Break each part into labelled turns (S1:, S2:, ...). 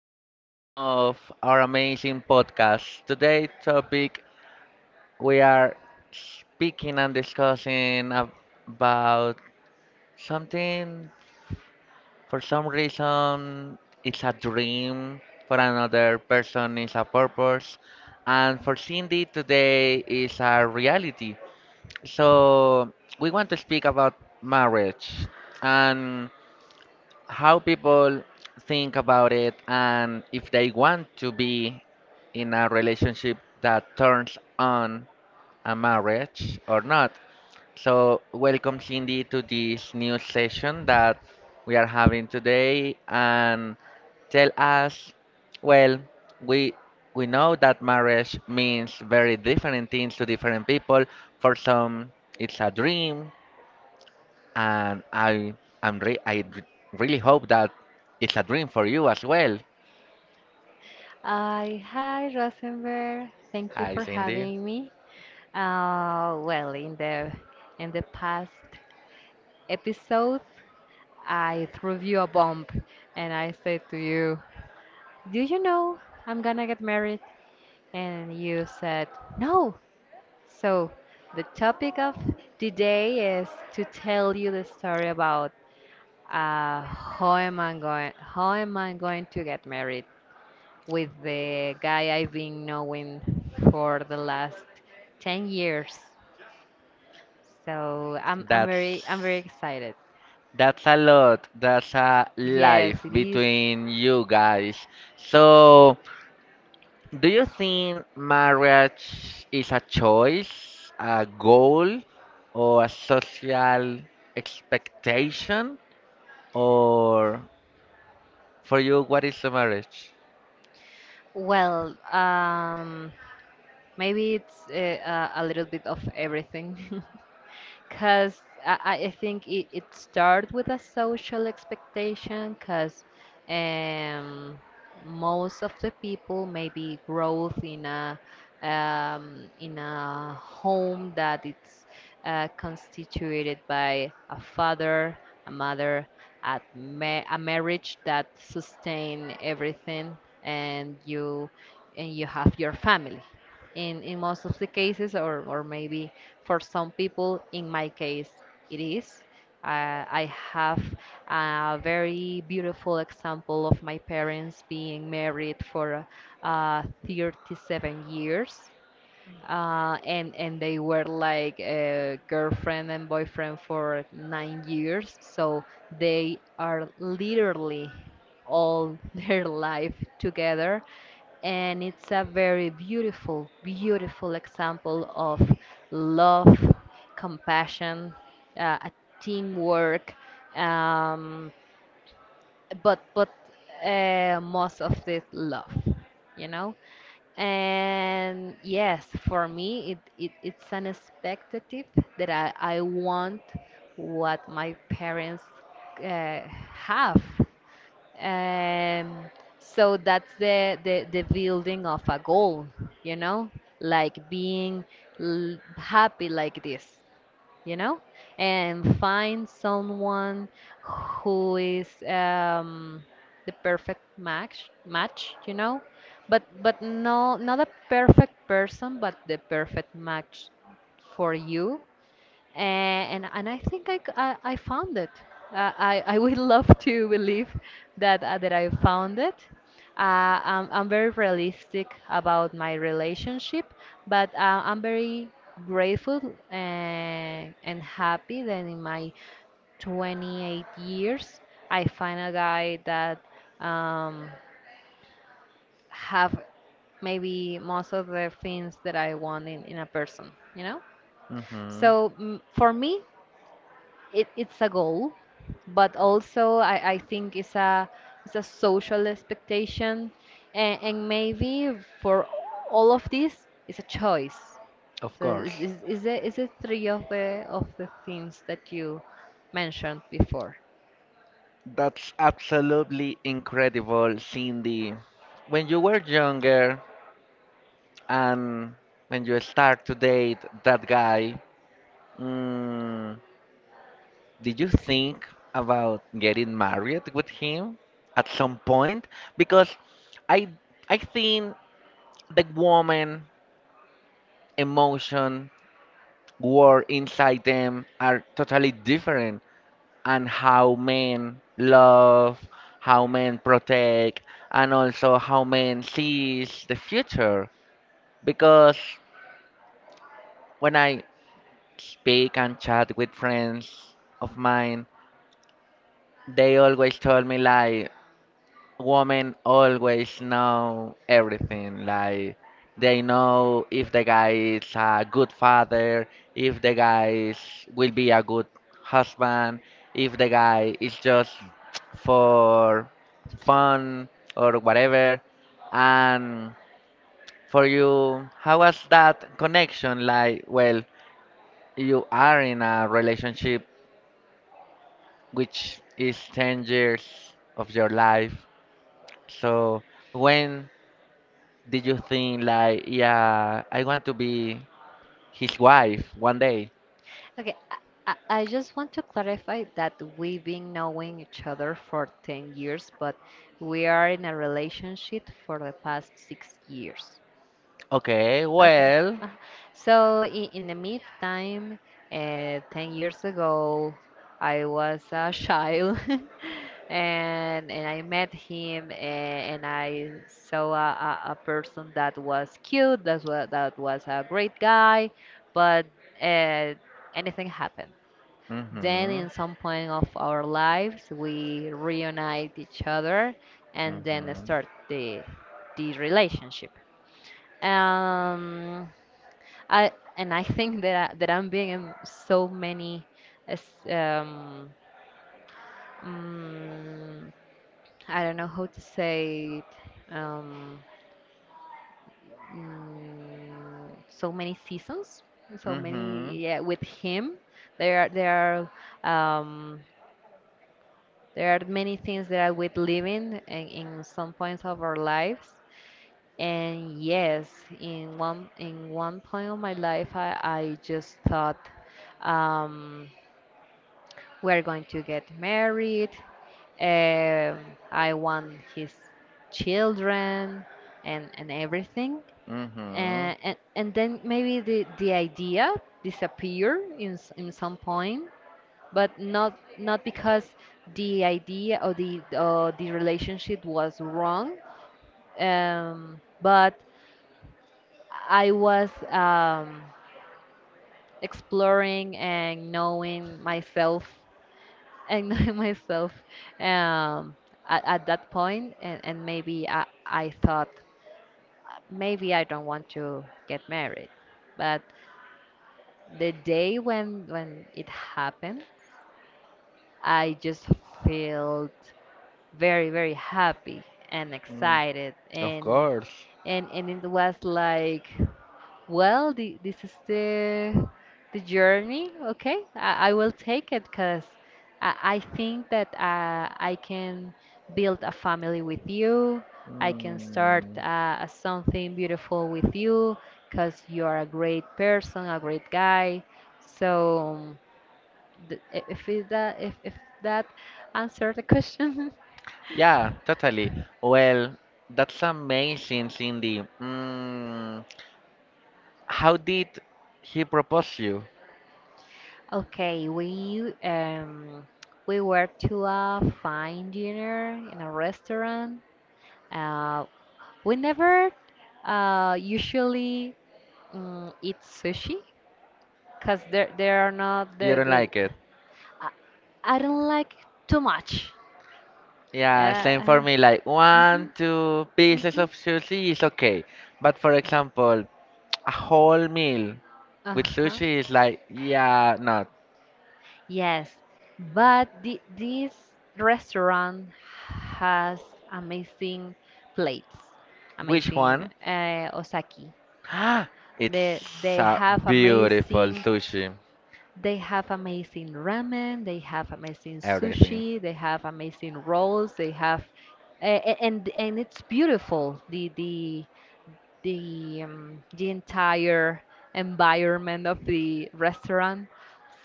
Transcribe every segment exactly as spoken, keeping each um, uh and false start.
S1: session of our amazing podcast. Today topic we are speaking and discussing ab- about something. For some reason it's a dream, for another person it's a purpose, and for Cindy today is a reality. So we want to speak about marriage and how people think about it and if they want to be in a relationship that turns on a marriage or not. So, welcome Cindy to this new session that we are having today and tell us, well, we we know that marriage means very different things to different people. For some, it's a dream, and I I'm re I re- really hope that it's a dream for you as well.
S2: Hi, hi Rosenberg. Thank you
S1: Hi,
S2: for
S1: Cindy.
S2: having me. Uh, well, in the in the past episode, I threw you a bomb, and I said to you, "Do you know I'm gonna get married?" And you said, "No." So the topic of today is to tell you the story about uh, how am I going how am I going to get married with the guy I've been knowing for the last ten years. So I'm, I'm
S1: That's
S2: very I'm very excited.
S1: that's a lot. That's a
S2: Yes,
S1: life
S2: it is.
S1: between you guys. So, do you think marriage is a choice, a goal, or a social expectation, or for you, what is a marriage?
S2: Well, um, maybe it's uh, a, a little bit of everything. Because I, I I think it, it starts with a social expectation because um, most of the people maybe growth in a um, in a home that it's uh, constituted by a father, a mother, a, ma- a marriage that sustain everything, and you and you have your family in in most of the cases or or maybe for some people, in my case, it is. Uh, I have a very beautiful example of my parents being married for uh, thirty-seven years. Uh, and and they were like uh, girlfriend and boyfriend for nine years, so they are literally all their life together, and it's a very beautiful, beautiful example of love, compassion, uh, a teamwork, um, but but uh, most of this love, you know. And yes, for me, it, it it's an expectative that I, I want what my parents uh, have. um, so that's the, the, the building of a goal, you know, like being l- happy like this, you know, and find someone who is um, the perfect match, match, you know, but but no, not a perfect person, but the perfect match for you. And and I think I c- I- I found it. Uh, I I would love to believe that uh, that I found it. Uh, I'm I'm very realistic about my relationship, but uh, I'm very grateful and and happy that in my twenty-eight years I find a guy that um, have maybe most of the things that I want in, in a person, you know?
S1: Hmm.
S2: So mm, for me, it, it's a goal, but also I, I think it's a it's a social expectation, and, and maybe for all of this, it's a choice.
S1: Of
S2: So
S1: course.
S2: is is is it is it three of the of the things that you mentioned before?
S1: That's absolutely incredible, Cindy. When you were younger and when you start to date that guy, mm, did you think about getting married with him at some point? Because I I think the woman emotion, war inside them are totally different. And how men love, how men protect, and also how men sees the future. Because when I speak and chat with friends of mine, they always told me, like, women always know everything. Like, they know if the guy is a good father, if the guy is, will be a good husband, if the guy is just for fun or whatever. And for you, how was that connection? Like, well, you are in a relationship which is ten years of your life. So when did you think like, yeah, I want to be his wife one day?
S2: Okay, I, I I just want to clarify that we've been knowing each other for ten years, but we are in a relationship for the past six years.
S1: Okay,
S2: Okay.
S1: well.
S2: Uh, So in, in, the meantime, uh, ten years ago, I was a child and and I met him, and, and I saw a, a, a person that was cute, that was, that was a great guy, but uh, anything happened. Then
S1: Mm-hmm.
S2: in some point of our lives, we reunite each other and then
S1: Mm-hmm.
S2: start the the relationship. Um, I and I think that I, that I'm being in so many, as- um, mm, I don't know how to say it. Um, mm, so many seasons, so many,
S1: Mm-hmm.
S2: yeah. With him, there are there are um, there are many things that I would live in in, in some points of our lives. And yes, in one in one point of my life, I, I just thought um, we're going to get married. Um, I want his children and and everything.
S1: Mm-hmm.
S2: And and, and then maybe the, the idea disappear in s- in some point, but not not because the idea or the or the relationship was wrong, um, but I was um, exploring and knowing myself and knowing myself, um, at, at that point, and, and maybe I, I thought, "Uh, maybe I don't want to get married, but the day when when it happened, I just felt very, very happy and
S1: Mm.
S2: excited.
S1: Of
S2: and
S1: course.
S2: and and it was like, well, the, this is the the journey. Okay, i, I will take it because I, I think that uh, I can build a family with you. I can start
S1: Mm.
S2: uh, something beautiful with you because you're a great person, a great guy. So th- if it, that if, if that answered the question.
S1: Yeah, totally. Well, that's amazing, Cindy. Mm. How did he propose you?
S2: Okay, we um we were to a fine dinner in a restaurant. Uh, we never uh usually um, eat sushi because there there are not
S1: You
S2: the
S1: don't
S2: the
S1: like it?
S2: I, I don't like too much.
S1: Yeah, same for
S2: Yeah.
S1: me. Like,
S2: Uh,
S1: one,
S2: mhm.
S1: two pieces
S2: Mhm.
S1: of sushi is okay. But for example, a whole meal with
S2: Uh-huh.
S1: sushi is like, yeah, not.
S2: Yes, but thi- this restaurant has amazing plates,
S1: Which
S2: amazing
S1: one?
S2: uh, osaki. They
S1: It's
S2: they
S1: a
S2: have
S1: beautiful
S2: amazing
S1: sushi.
S2: they have amazing ramen, they have amazing
S1: Everything.
S2: sushi, they have amazing rolls, they have uh, and and it's beautiful the the the um, the entire environment of the restaurant.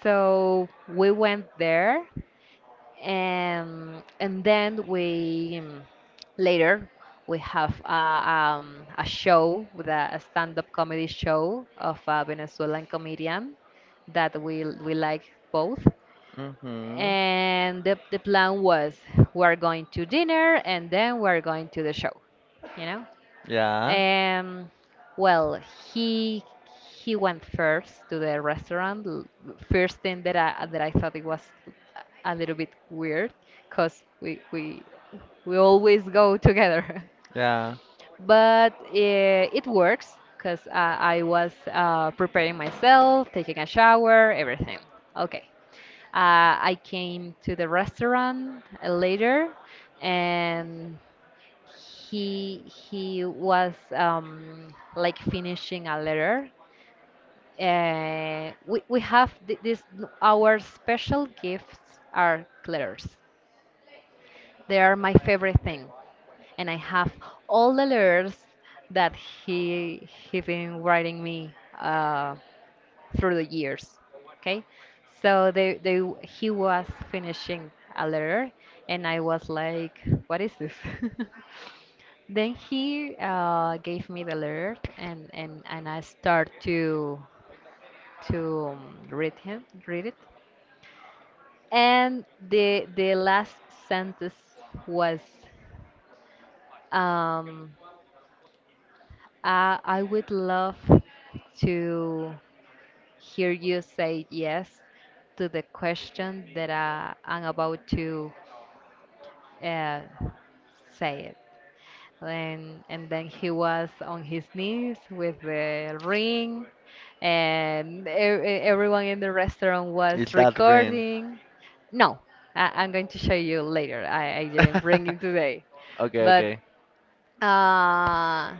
S2: So we went there and and then we, um, later, we have a, um, a show with a, a stand-up comedy show of a Venezuelan comedian that we we like both.
S1: Mm-hmm.
S2: And the, the plan was, we're going to dinner and then we're going to the show you know
S1: Yeah,
S2: um, well, he he went first to the restaurant. l- First thing that I that I thought, it was a little bit weird, cause we we we always go together.
S1: yeah.
S2: But uh, it works, cause uh, I was uh, preparing myself, taking a shower, everything. Okay. Uh, I came to the restaurant uh, later, and he he was, um, like, finishing a letter. Uh, we we have th- this our special gifts are letters. They are my favorite thing, and I have all the letters that he he been writing me uh, through the years. Okay, so they they he was finishing a letter, and I was like, "What is this?" Then he uh, gave me the alert, and, and, and I start to to um, read him, read it. And the the last sentence was, um, I, I would love to hear you say yes to the question that I, I'm about to uh, say it." and and then he was on his knees with the ring, and e- e- everyone in the restaurant was
S1: It's that ring.
S2: recording. No. I, i'm going to show you later. i, I didn't bring it today.
S1: Okay,
S2: But
S1: okay.
S2: uh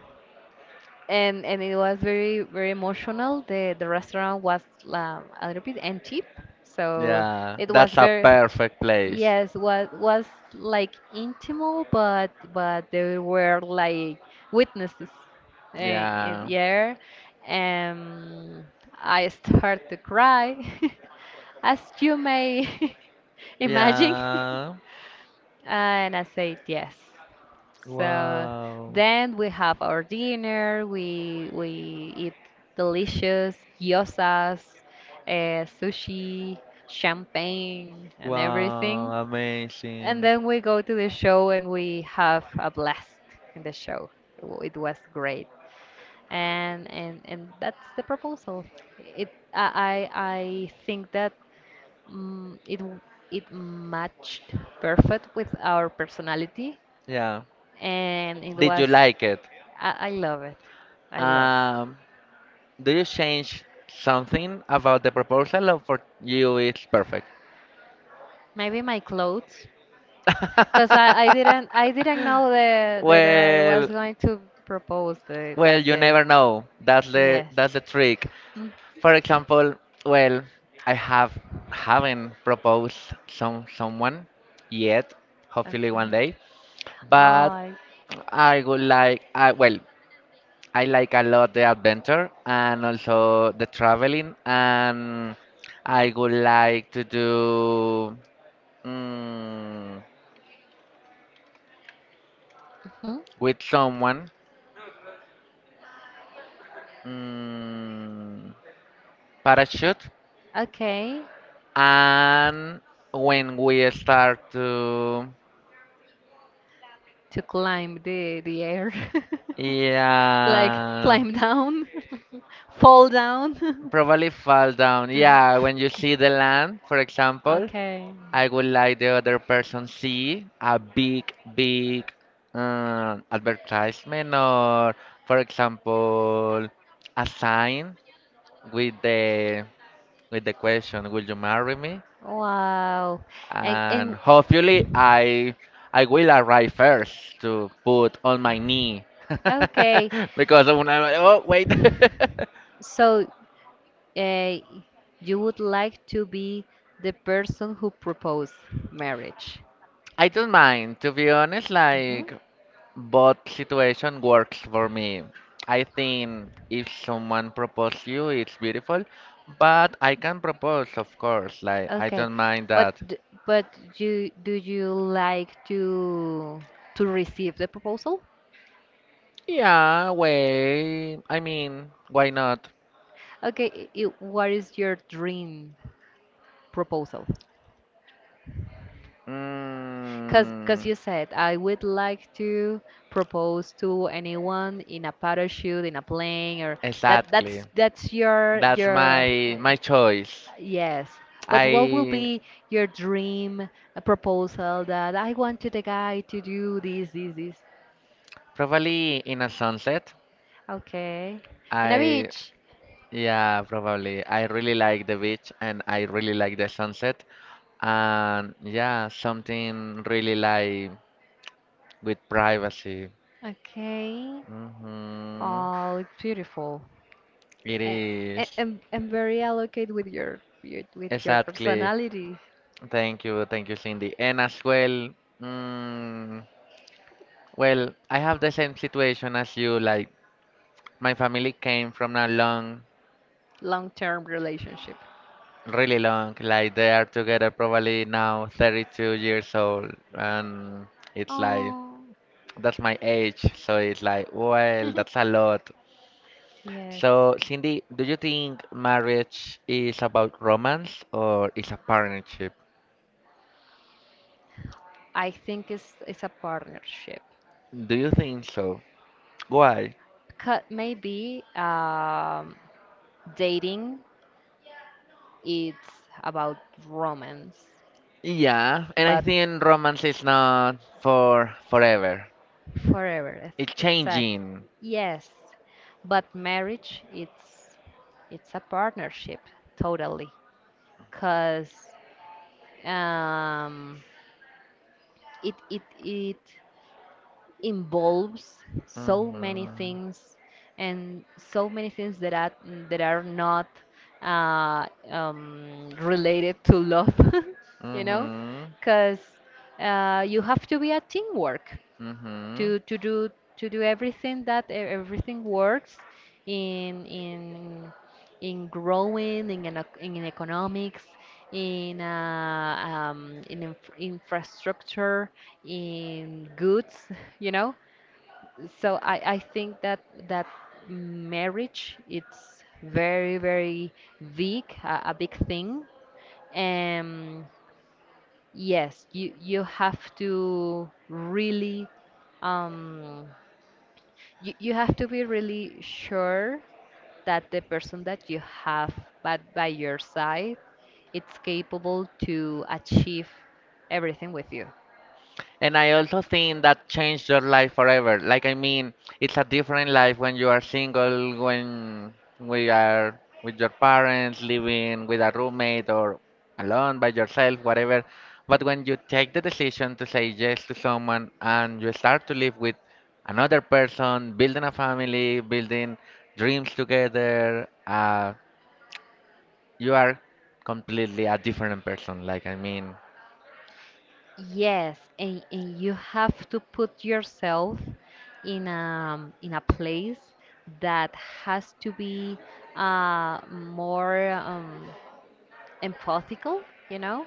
S2: and and it was very, very emotional. The the restaurant was um, a little bit empty, so
S1: Yeah,
S2: it was
S1: that's a
S2: very...
S1: perfect place.
S2: Yes, what was, like, intimate, but but there were, like, witnesses. Uh,
S1: Yeah,
S2: yeah, um, I start to cry, as you may imagine.
S1: yeah.
S2: And I said yes. So
S1: Wow.
S2: then we have our dinner. We we eat delicious gyozas, uh, sushi, champagne, and everything.
S1: Wow,
S2: And
S1: amazing.
S2: then we go to the show and we have a blast in the show. W- It was great. And and and that's the proposal. It I I I think that, mm, it w- it matched perfect with our personality,
S1: Yeah.
S2: and it
S1: Did
S2: was...
S1: you like it?
S2: I, I love it. I love it.
S1: Um, do you change something about the proposal or for you it's perfect?
S2: Maybe my clothes, because I, I didn't I didn't know that that I was
S1: Well,
S2: going to propose the,
S1: well,
S2: that
S1: you
S2: the
S1: never know. That's the
S2: Yes.
S1: that's the trick.
S2: Mm.
S1: For example, well, I have haven't proposed some someone yet, hopefully
S2: Okay.
S1: one day, but
S2: Oh,
S1: I would like, I, well, I like a lot the adventure and also the traveling, and I would like to do, mm,
S2: mhm.
S1: with someone, mm, parachute.
S2: Okay.
S1: And when we start to,
S2: To climb the the air, like, uh,
S1: yeah,
S2: climb down, fall down.
S1: probably fall down. Yeah, when you see the land, for example,
S2: Okay.
S1: I would like the other person see a big, big uh, advertisement or, for example, a sign with the with the question, "Will you marry me?"
S2: Wow. And
S1: And
S2: and
S1: hopefully, I I will arrive first to put on my knee
S2: okay.
S1: because when I, oh wait,
S2: So uh, you would like to be the person who proposed marriage?
S1: I don't mind to be honest.
S2: Mhm.
S1: Like, both situation works for me. I think if someone propose you, it's beautiful, but I can propose, of course. Like, I
S2: Okay,
S1: don't mind
S2: but
S1: that.
S2: d- but you do you like to to receive the proposal?
S1: Yeah, wait. I mean, why not?
S2: Okay, i- i- what is your dream proposal? Because cause
S1: Mm,
S2: you said, "I would like to propose to anyone in a parachute, in a plane, or..." that
S1: exactly.
S2: that's that's your
S1: That's
S2: your
S1: my my choice.
S2: Yes. But what will
S1: I
S2: be your dream uh, proposal, that I wanted the guy to do, this, this, this?
S1: probably in a sunset.
S2: Okay. In a
S1: I,
S2: beach.
S1: yeah, probably. I really like the beach and I really like the sunset. And yeah, something really like with privacy.
S2: Okay.
S1: Hmm.
S2: Oh, it's beautiful.
S1: It
S2: And,
S1: is.
S2: and, and very allocate with your, your with your
S1: Exactly.
S2: personality,
S1: Thank you, thank you, Cindy. And as well, mm, well, I have the same situation as you. Like, my family came from a long,
S2: long-term relationship.
S1: really long, like, they are together probably now thirty-two years old. And it's like,
S2: Oh,
S1: that's my age, so it's like, well, that's a lot.
S2: yes.
S1: So, Cindy, do you think marriage is about romance or is a partnership?
S2: I think it's it's a partnership.
S1: Do you think so? Why?
S2: Because maybe um, dating it's about romance,
S1: Yeah, and I
S2: but
S1: think romance is not for forever.
S2: forever. It's
S1: It's
S2: exact.
S1: changing.
S2: Yes, but marriage it's it's a partnership totally. Cause um, it it it involves so many
S1: Mhm.
S2: things and so many things that are that are not uh, um, related to love, you know
S1: Mhm.
S2: because uh, you have to be a teamwork
S1: Mhm.
S2: to to do to do everything that e- everything works in in in growing in an, ec- in economics, in uh, um, in inf infrastructure, in goods, you know so I, I think that that marriage it's very, very big, a, a big thing. um yes, you you have to really um you, you have to be really sure that the person that you have by, by your side it's capable to achieve everything with you.
S1: And I also think that changed your life forever. Like, I mean, it's a different life when you are single, when we are with your parents, living with a roommate or alone by yourself, whatever. But when you take the decision to say yes to someone and you start to live with another person, building a family, building dreams together, uh, you are completely a different person. Like, I mean,
S2: Yes and, and you have to put yourself in a, in a place that has to be uh, more um, empathical, you know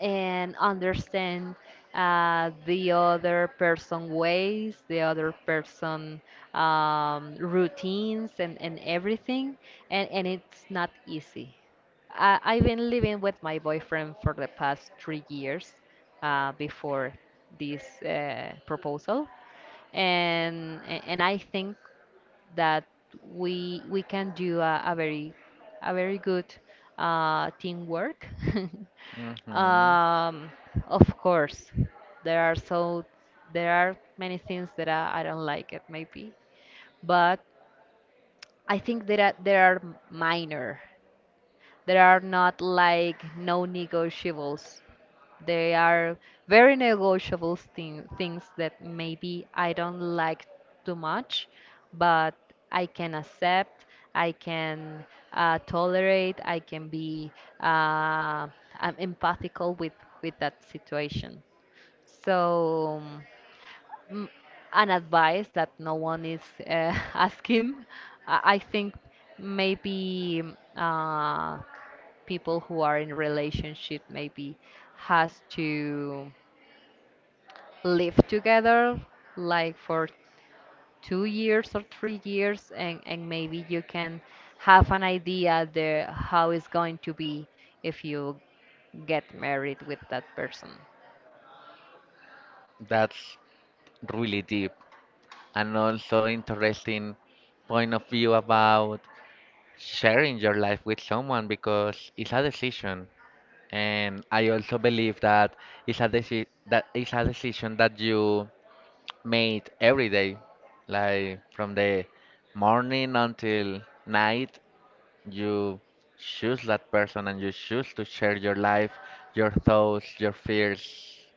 S2: and understand uh, the other person ways, the other person um, routines, and, and everything. And, and it's not easy. I, I've been living with my boyfriend for the past three years, uh, before this uh, proposal. And, a- and I think that we we can do a, a very a very good uh, teamwork.
S1: hmm.
S2: um, of course, there are so there are many things that I, I don't like it maybe, but I think that there are there are minor. There are not like no negotiables. They are very negotiable thing, things that maybe I don't like too much, but I can accept, I can uh, tolerate, I can be uh, I'm empathical with with that situation. So, mm, an advice that no one is uh, asking. I I think maybe uh, people who are in relationship maybe has to live together like for two years or three years, and and maybe you can have an idea the how it's going to be if you get married with that person.
S1: That's really deep and also interesting point of view about sharing your life with someone because it's a decision. And I also believe that it's a deci that it's a decision that you made every day, like from the morning until night. You choose that person and you choose to share your life, your thoughts, your fears,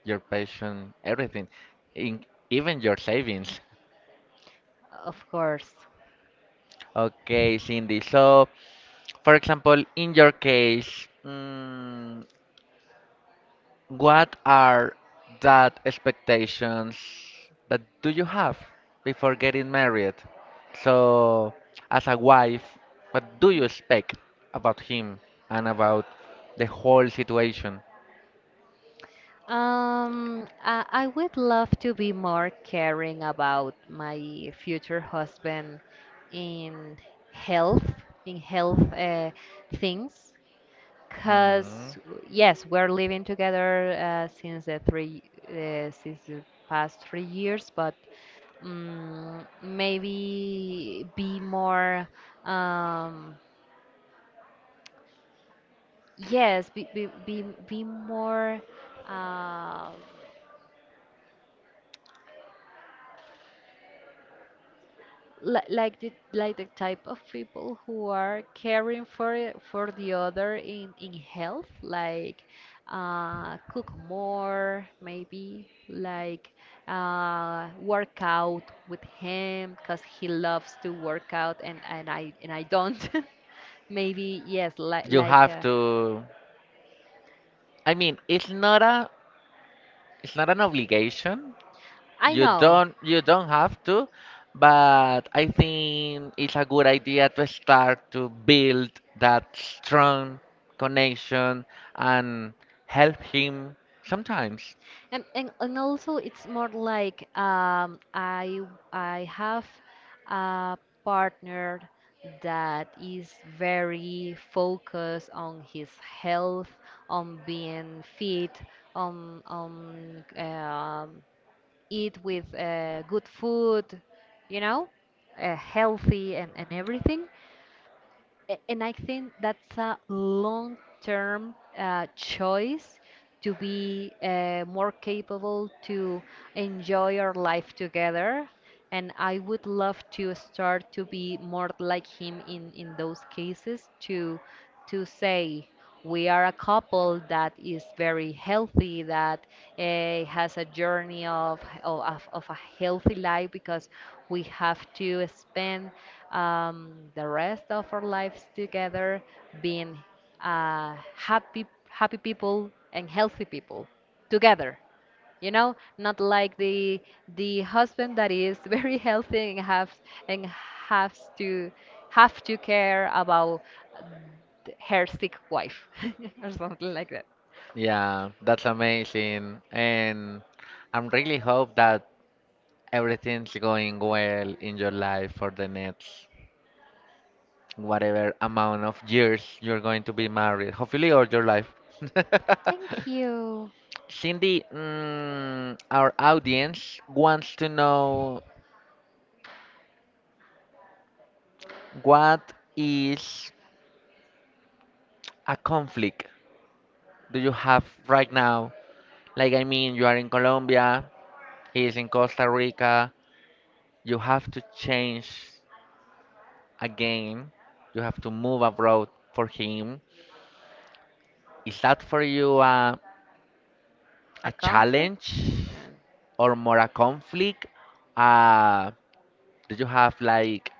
S1: your passion, everything, in, even your savings.
S2: Of course.
S1: Okay, Cindy. So, for example, in your case, mm, what are that expectations that do you have before getting married? So, as a wife, what do you expect about him and about the whole situation?
S2: um i, I would love to be more caring about my future husband in health, in health uh, things
S1: Hmm.
S2: Cause yes, we're living together uh, since the three uh, since the past three years, but um, maybe be more, um, yes, be be be, be more. Um li- like the like the type of people who are caring for for the other in in health, like uh cook more maybe, like uh work out with him because he loves to work out, and and i and i don't. maybe yes, like
S1: You
S2: like
S1: have
S2: uh,
S1: to. I mean, it's not a, it's not an obligation.
S2: I
S1: You
S2: know.
S1: don't, you don't have to, but I think it's a good idea to start to build that strong connection and help him sometimes.
S2: And, and, and also it's more like um, I I have a partner that is very focused on his health, on being fit, on on um, eat with uh, good food, you know, uh, healthy and, and everything. A- And I think that's a long term uh, choice to be uh, more capable to enjoy our life together. And I would love to start to be more like him in, in those cases to to say we are a couple that is very healthy, that uh, has a journey of, of, of a healthy life because we have to spend um, the rest of our lives together, being uh, happy, happy people and healthy people together, you know, not like the the husband that is very healthy and have and has to have to care about th- her sick wife, or something like that.
S1: Yeah, that's amazing, and I'm really hope that everything's going well in your life for the next whatever amount of years you're going to be married, hopefully all your life.
S2: Thank you.
S1: Cindy, mm, our audience wants to know what is a conflict do you have right now? Like, I mean, you are in Colombia, he is in Costa Rica, you have to change again, you have to move abroad for him. Is that for you a
S2: A
S1: a
S2: conflict.
S1: challenge
S2: Yeah.
S1: or more a conflict? Uh, did you have like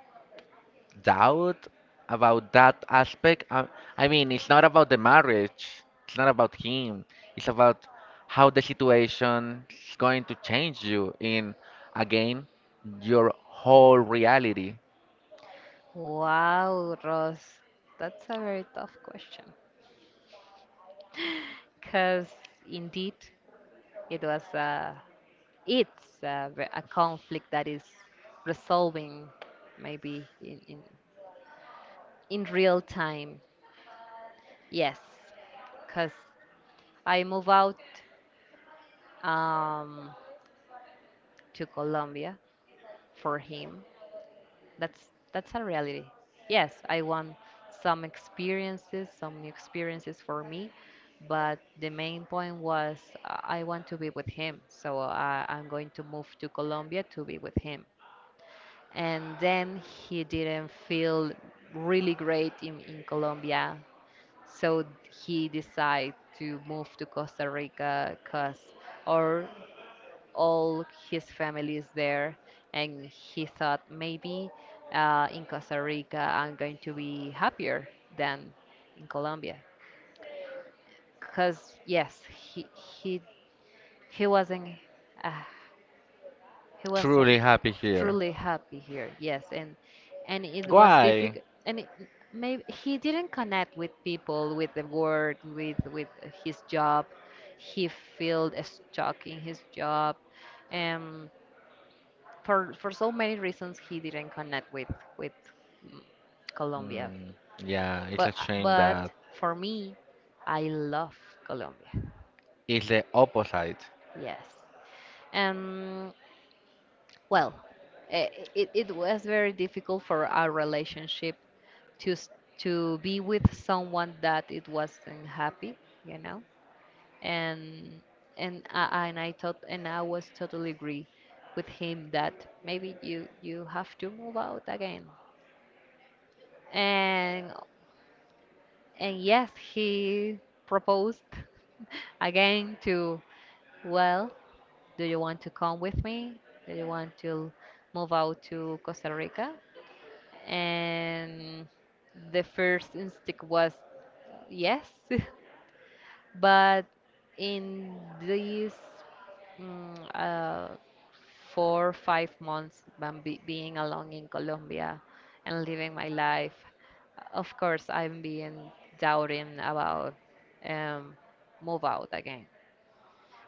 S1: doubt about that aspect? Uh, I mean, it's not about the marriage, it's not about him, it's about how the situation is going to change you in again your whole reality.
S2: Wow, Ross, that's a very tough question because indeed it was a it's a, ve- a conflict that is resolving maybe in in, in real time. Yes, because I move out um, to Colombia for him. That's that's a reality. Yes, I want some experiences, some new experiences for me, but the main point was uh, I want to be with him. So I, I'm going to move to Colombia to be with him. And then he didn't feel really great in, in Colombia. So he decided to move to Costa Rica because or all his family is there, and he thought maybe uh, in Costa Rica I'm going to be happier than in Colombia. Because yes, he he he wasn't a he was uh,
S1: Truly happy here.
S2: truly happy here. Yes, and and it was
S1: Why?
S2: difficult, and it, maybe he didn't connect with people, with the work, with with his job. He felt stuck in his job, um for for so many reasons he didn't connect with with mm, Colombia.
S1: Mm, yeah, it's a
S2: but
S1: shame that
S2: but for me, I love Colombia.
S1: it's the opposite.
S2: Yes. um well eh, it, it was very difficult for our relationship to s- to be with someone that it wasn't happy, you know. And and I, and I thought, and I was totally agree with him that maybe you you have to move out again. And and yes, he proposed again to, well, do you want to come with me, do you want to move out to Costa Rica? And the first instinct was uh, yes, but in these mm, uh, four five months, when be- being alone in Colombia and living my life, of course I'm being doubting about um, move out again,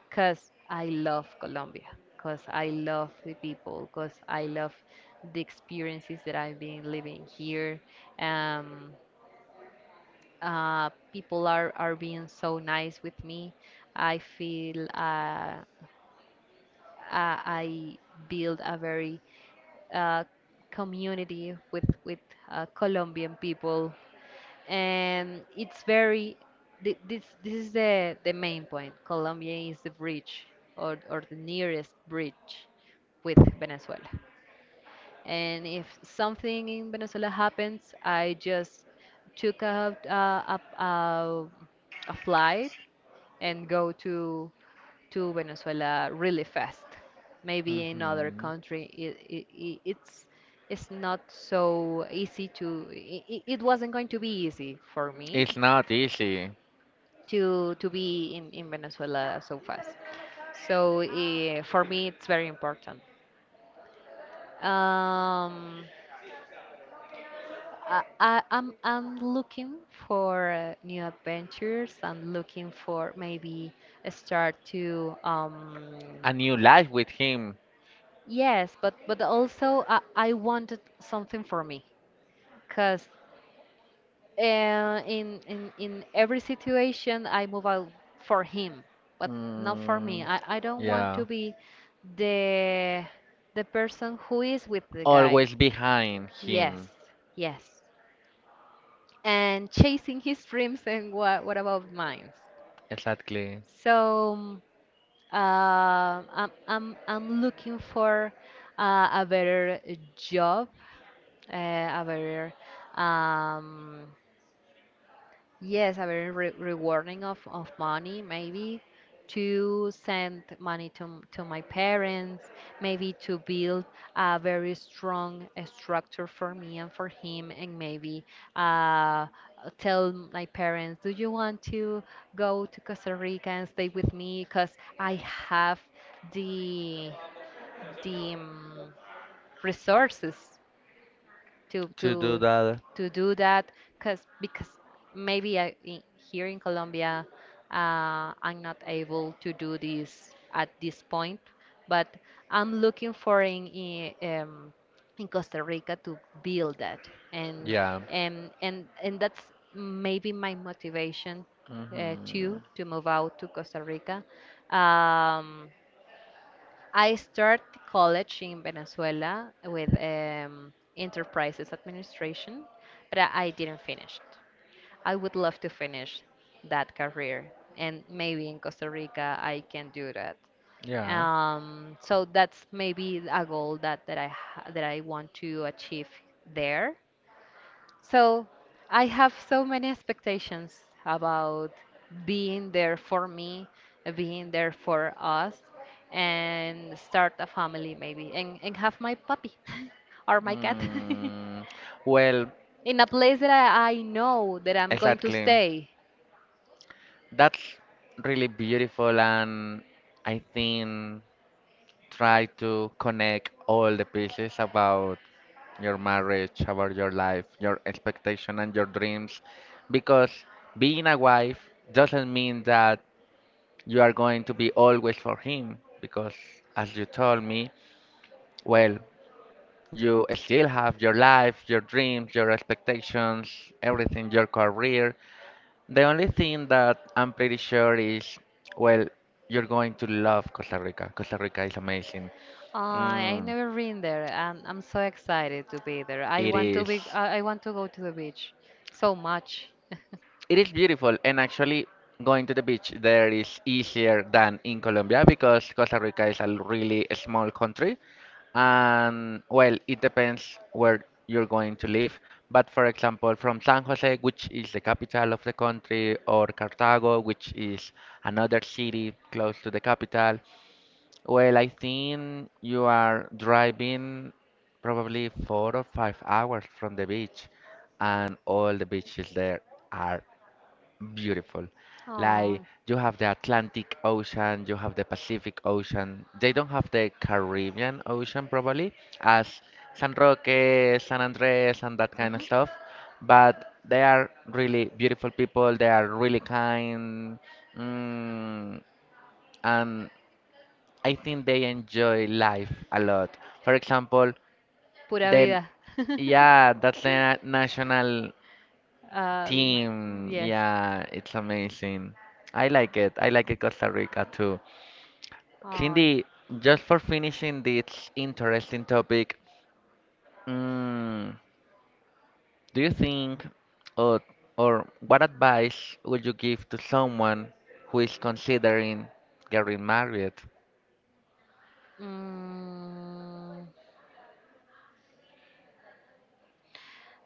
S2: because I love Colombia, because I love the people, because I love the experiences that I've been living here. Um, uh, People are, are being so nice with me. I feel uh, I I build a very uh, community with with uh, Colombian people, and it's very thi- this this is the the main point. Colombia is the bridge or or the nearest bridge with Venezuela. And if something in Venezuela happens, I just took out uh, a, a, a flight and go to to Venezuela really fast. Maybe in other
S1: Mhm.
S2: country it, it, it, it's it's not so easy to it, it wasn't going to be easy for me
S1: It's not easy.
S2: to to be in, in Venezuela so fast. So eh, for me it's very important. Um, I, I, I'm I'm looking for uh, new adventures. I'm looking for maybe a start to. Um
S1: A new life with him.
S2: yes, but but also I, I wanted something for me, cause uh, in in in every situation I move out for him, but not for me.
S1: Mm,
S2: I I don't want to
S1: yeah.
S2: be the the person who is with the guy.
S1: Always behind him.
S2: Yes, yes. And chasing his dreams, and what, what about mine?
S1: Exactly.
S2: So uh, I'm, I'm, I'm looking for uh, a better job, uh, a better, um, yes, a very re rewarding of, of money, maybe to send money to, m- to my parents, maybe to build a very strong uh, structure for me and for him, and maybe uh, tell my parents, do you want to go to Costa Rica and stay with me? Because I have the, the um, resources to
S1: To do
S2: to
S1: that.
S2: to do that, because because maybe I, i- here in Colombia uh, I'm not able to do this at this point, but I'm looking for in in, um, in Costa Rica to build that. And
S1: Yeah.
S2: and and and that's maybe my motivation uh, too
S1: Hmm.
S2: to move out to Costa Rica. um, I started college in Venezuela with um, enterprises administration, but I I didn't finish it. I would love to finish that career, and maybe in Costa Rica I can do that.
S1: Yeah.
S2: Um, so that's maybe a goal that, that I ha- that I want to achieve there. So I have so many expectations about being there for me, being there for us, and start a family maybe, and, and have my puppy or my cat
S1: Mm, well,
S2: in a place that I, I know that I'm going to
S1: exactly.
S2: stay.
S1: That's really beautiful, and I think try to connect all the pieces about your marriage, about your life, your expectation, and your dreams, because being a wife doesn't mean that you are going to be always for him, because as you told me, well, you still have your life, your dreams, your expectations, everything, your career. The only thing that I'm pretty sure is, well, you're going to love Costa Rica. Costa Rica is amazing.
S2: I I
S1: Mm,
S2: never been there, and I'm so excited to be there. I
S1: it
S2: want to be.
S1: is.
S2: I I want to go to the beach so much.
S1: It is beautiful, and actually going to the beach there is easier than in Colombia because Costa Rica is a really small country. And well, it depends where you're going to live. But for example, from San Jose, which is the capital of the country, or Cartago, which is another city close to the capital, well, I think you are driving probably four or five hours from the beach, and all the beaches there are beautiful.
S2: Oh.
S1: Like, you have the Atlantic Ocean, you have the Pacific Ocean. They don't have the Caribbean Ocean probably as San Roque, San Andres, and that kind of
S2: Ujú.
S1: stuff. But they are really beautiful people. They are really kind. Mm, and I think they enjoy life a lot. For example,
S2: Pura
S1: then,
S2: vida.
S1: yeah, that's the na- national. Team,
S2: yes.
S1: yeah, it's amazing. I like it. I like it, Costa Rica too.
S2: Yeah. Ay.
S1: Cindy, just for finishing this interesting topic, mm, do you think or or what advice would you give to someone who is considering getting married?
S2: Mm,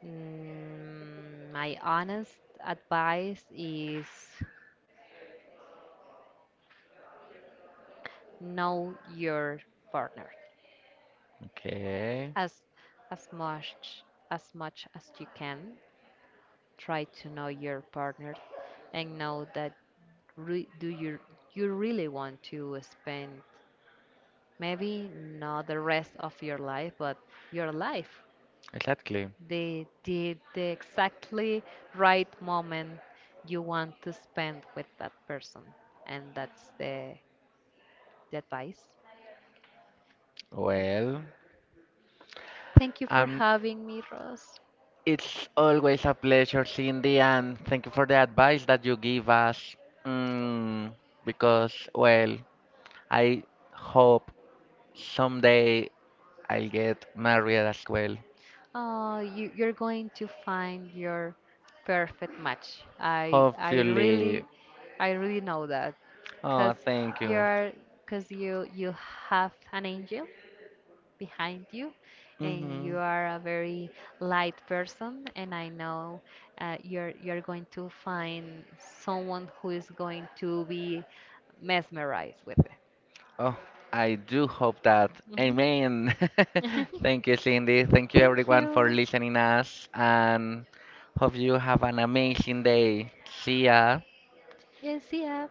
S2: mm, my honest advice is know your partner.
S1: Okay,
S2: As as much as much as you can. Try to know your partner and know that, re- do you, you really want to spend maybe not the rest of your life, but your life.
S1: exactly.
S2: The the, the exactly right moment you want to spend with that person. And that's the, the advice.
S1: Well,
S2: Thank you for
S1: I'm,
S2: having me, Ross.
S1: it's always a pleasure, Cindy, and thank you for the advice that you give us. Mm, because, well, I hope someday I'll get married as well.
S2: Uh, you, you're going to find your perfect match. I I
S1: Hopefully.
S2: really, I really know that
S1: Oh,
S2: because
S1: thank you.
S2: you're because you you have an angel behind you, and
S1: Hmm.
S2: you are a very light person, and I know uh, you're you're going to find someone who is going to be mesmerized with it.
S1: Oh, I do hope that.
S2: Mhm.
S1: Amen. Thank you, Cindy. Thank you,
S2: Thank
S1: everyone, for
S2: you.
S1: listening us, and hope you have an amazing day. See ya.
S2: Yes, yeah.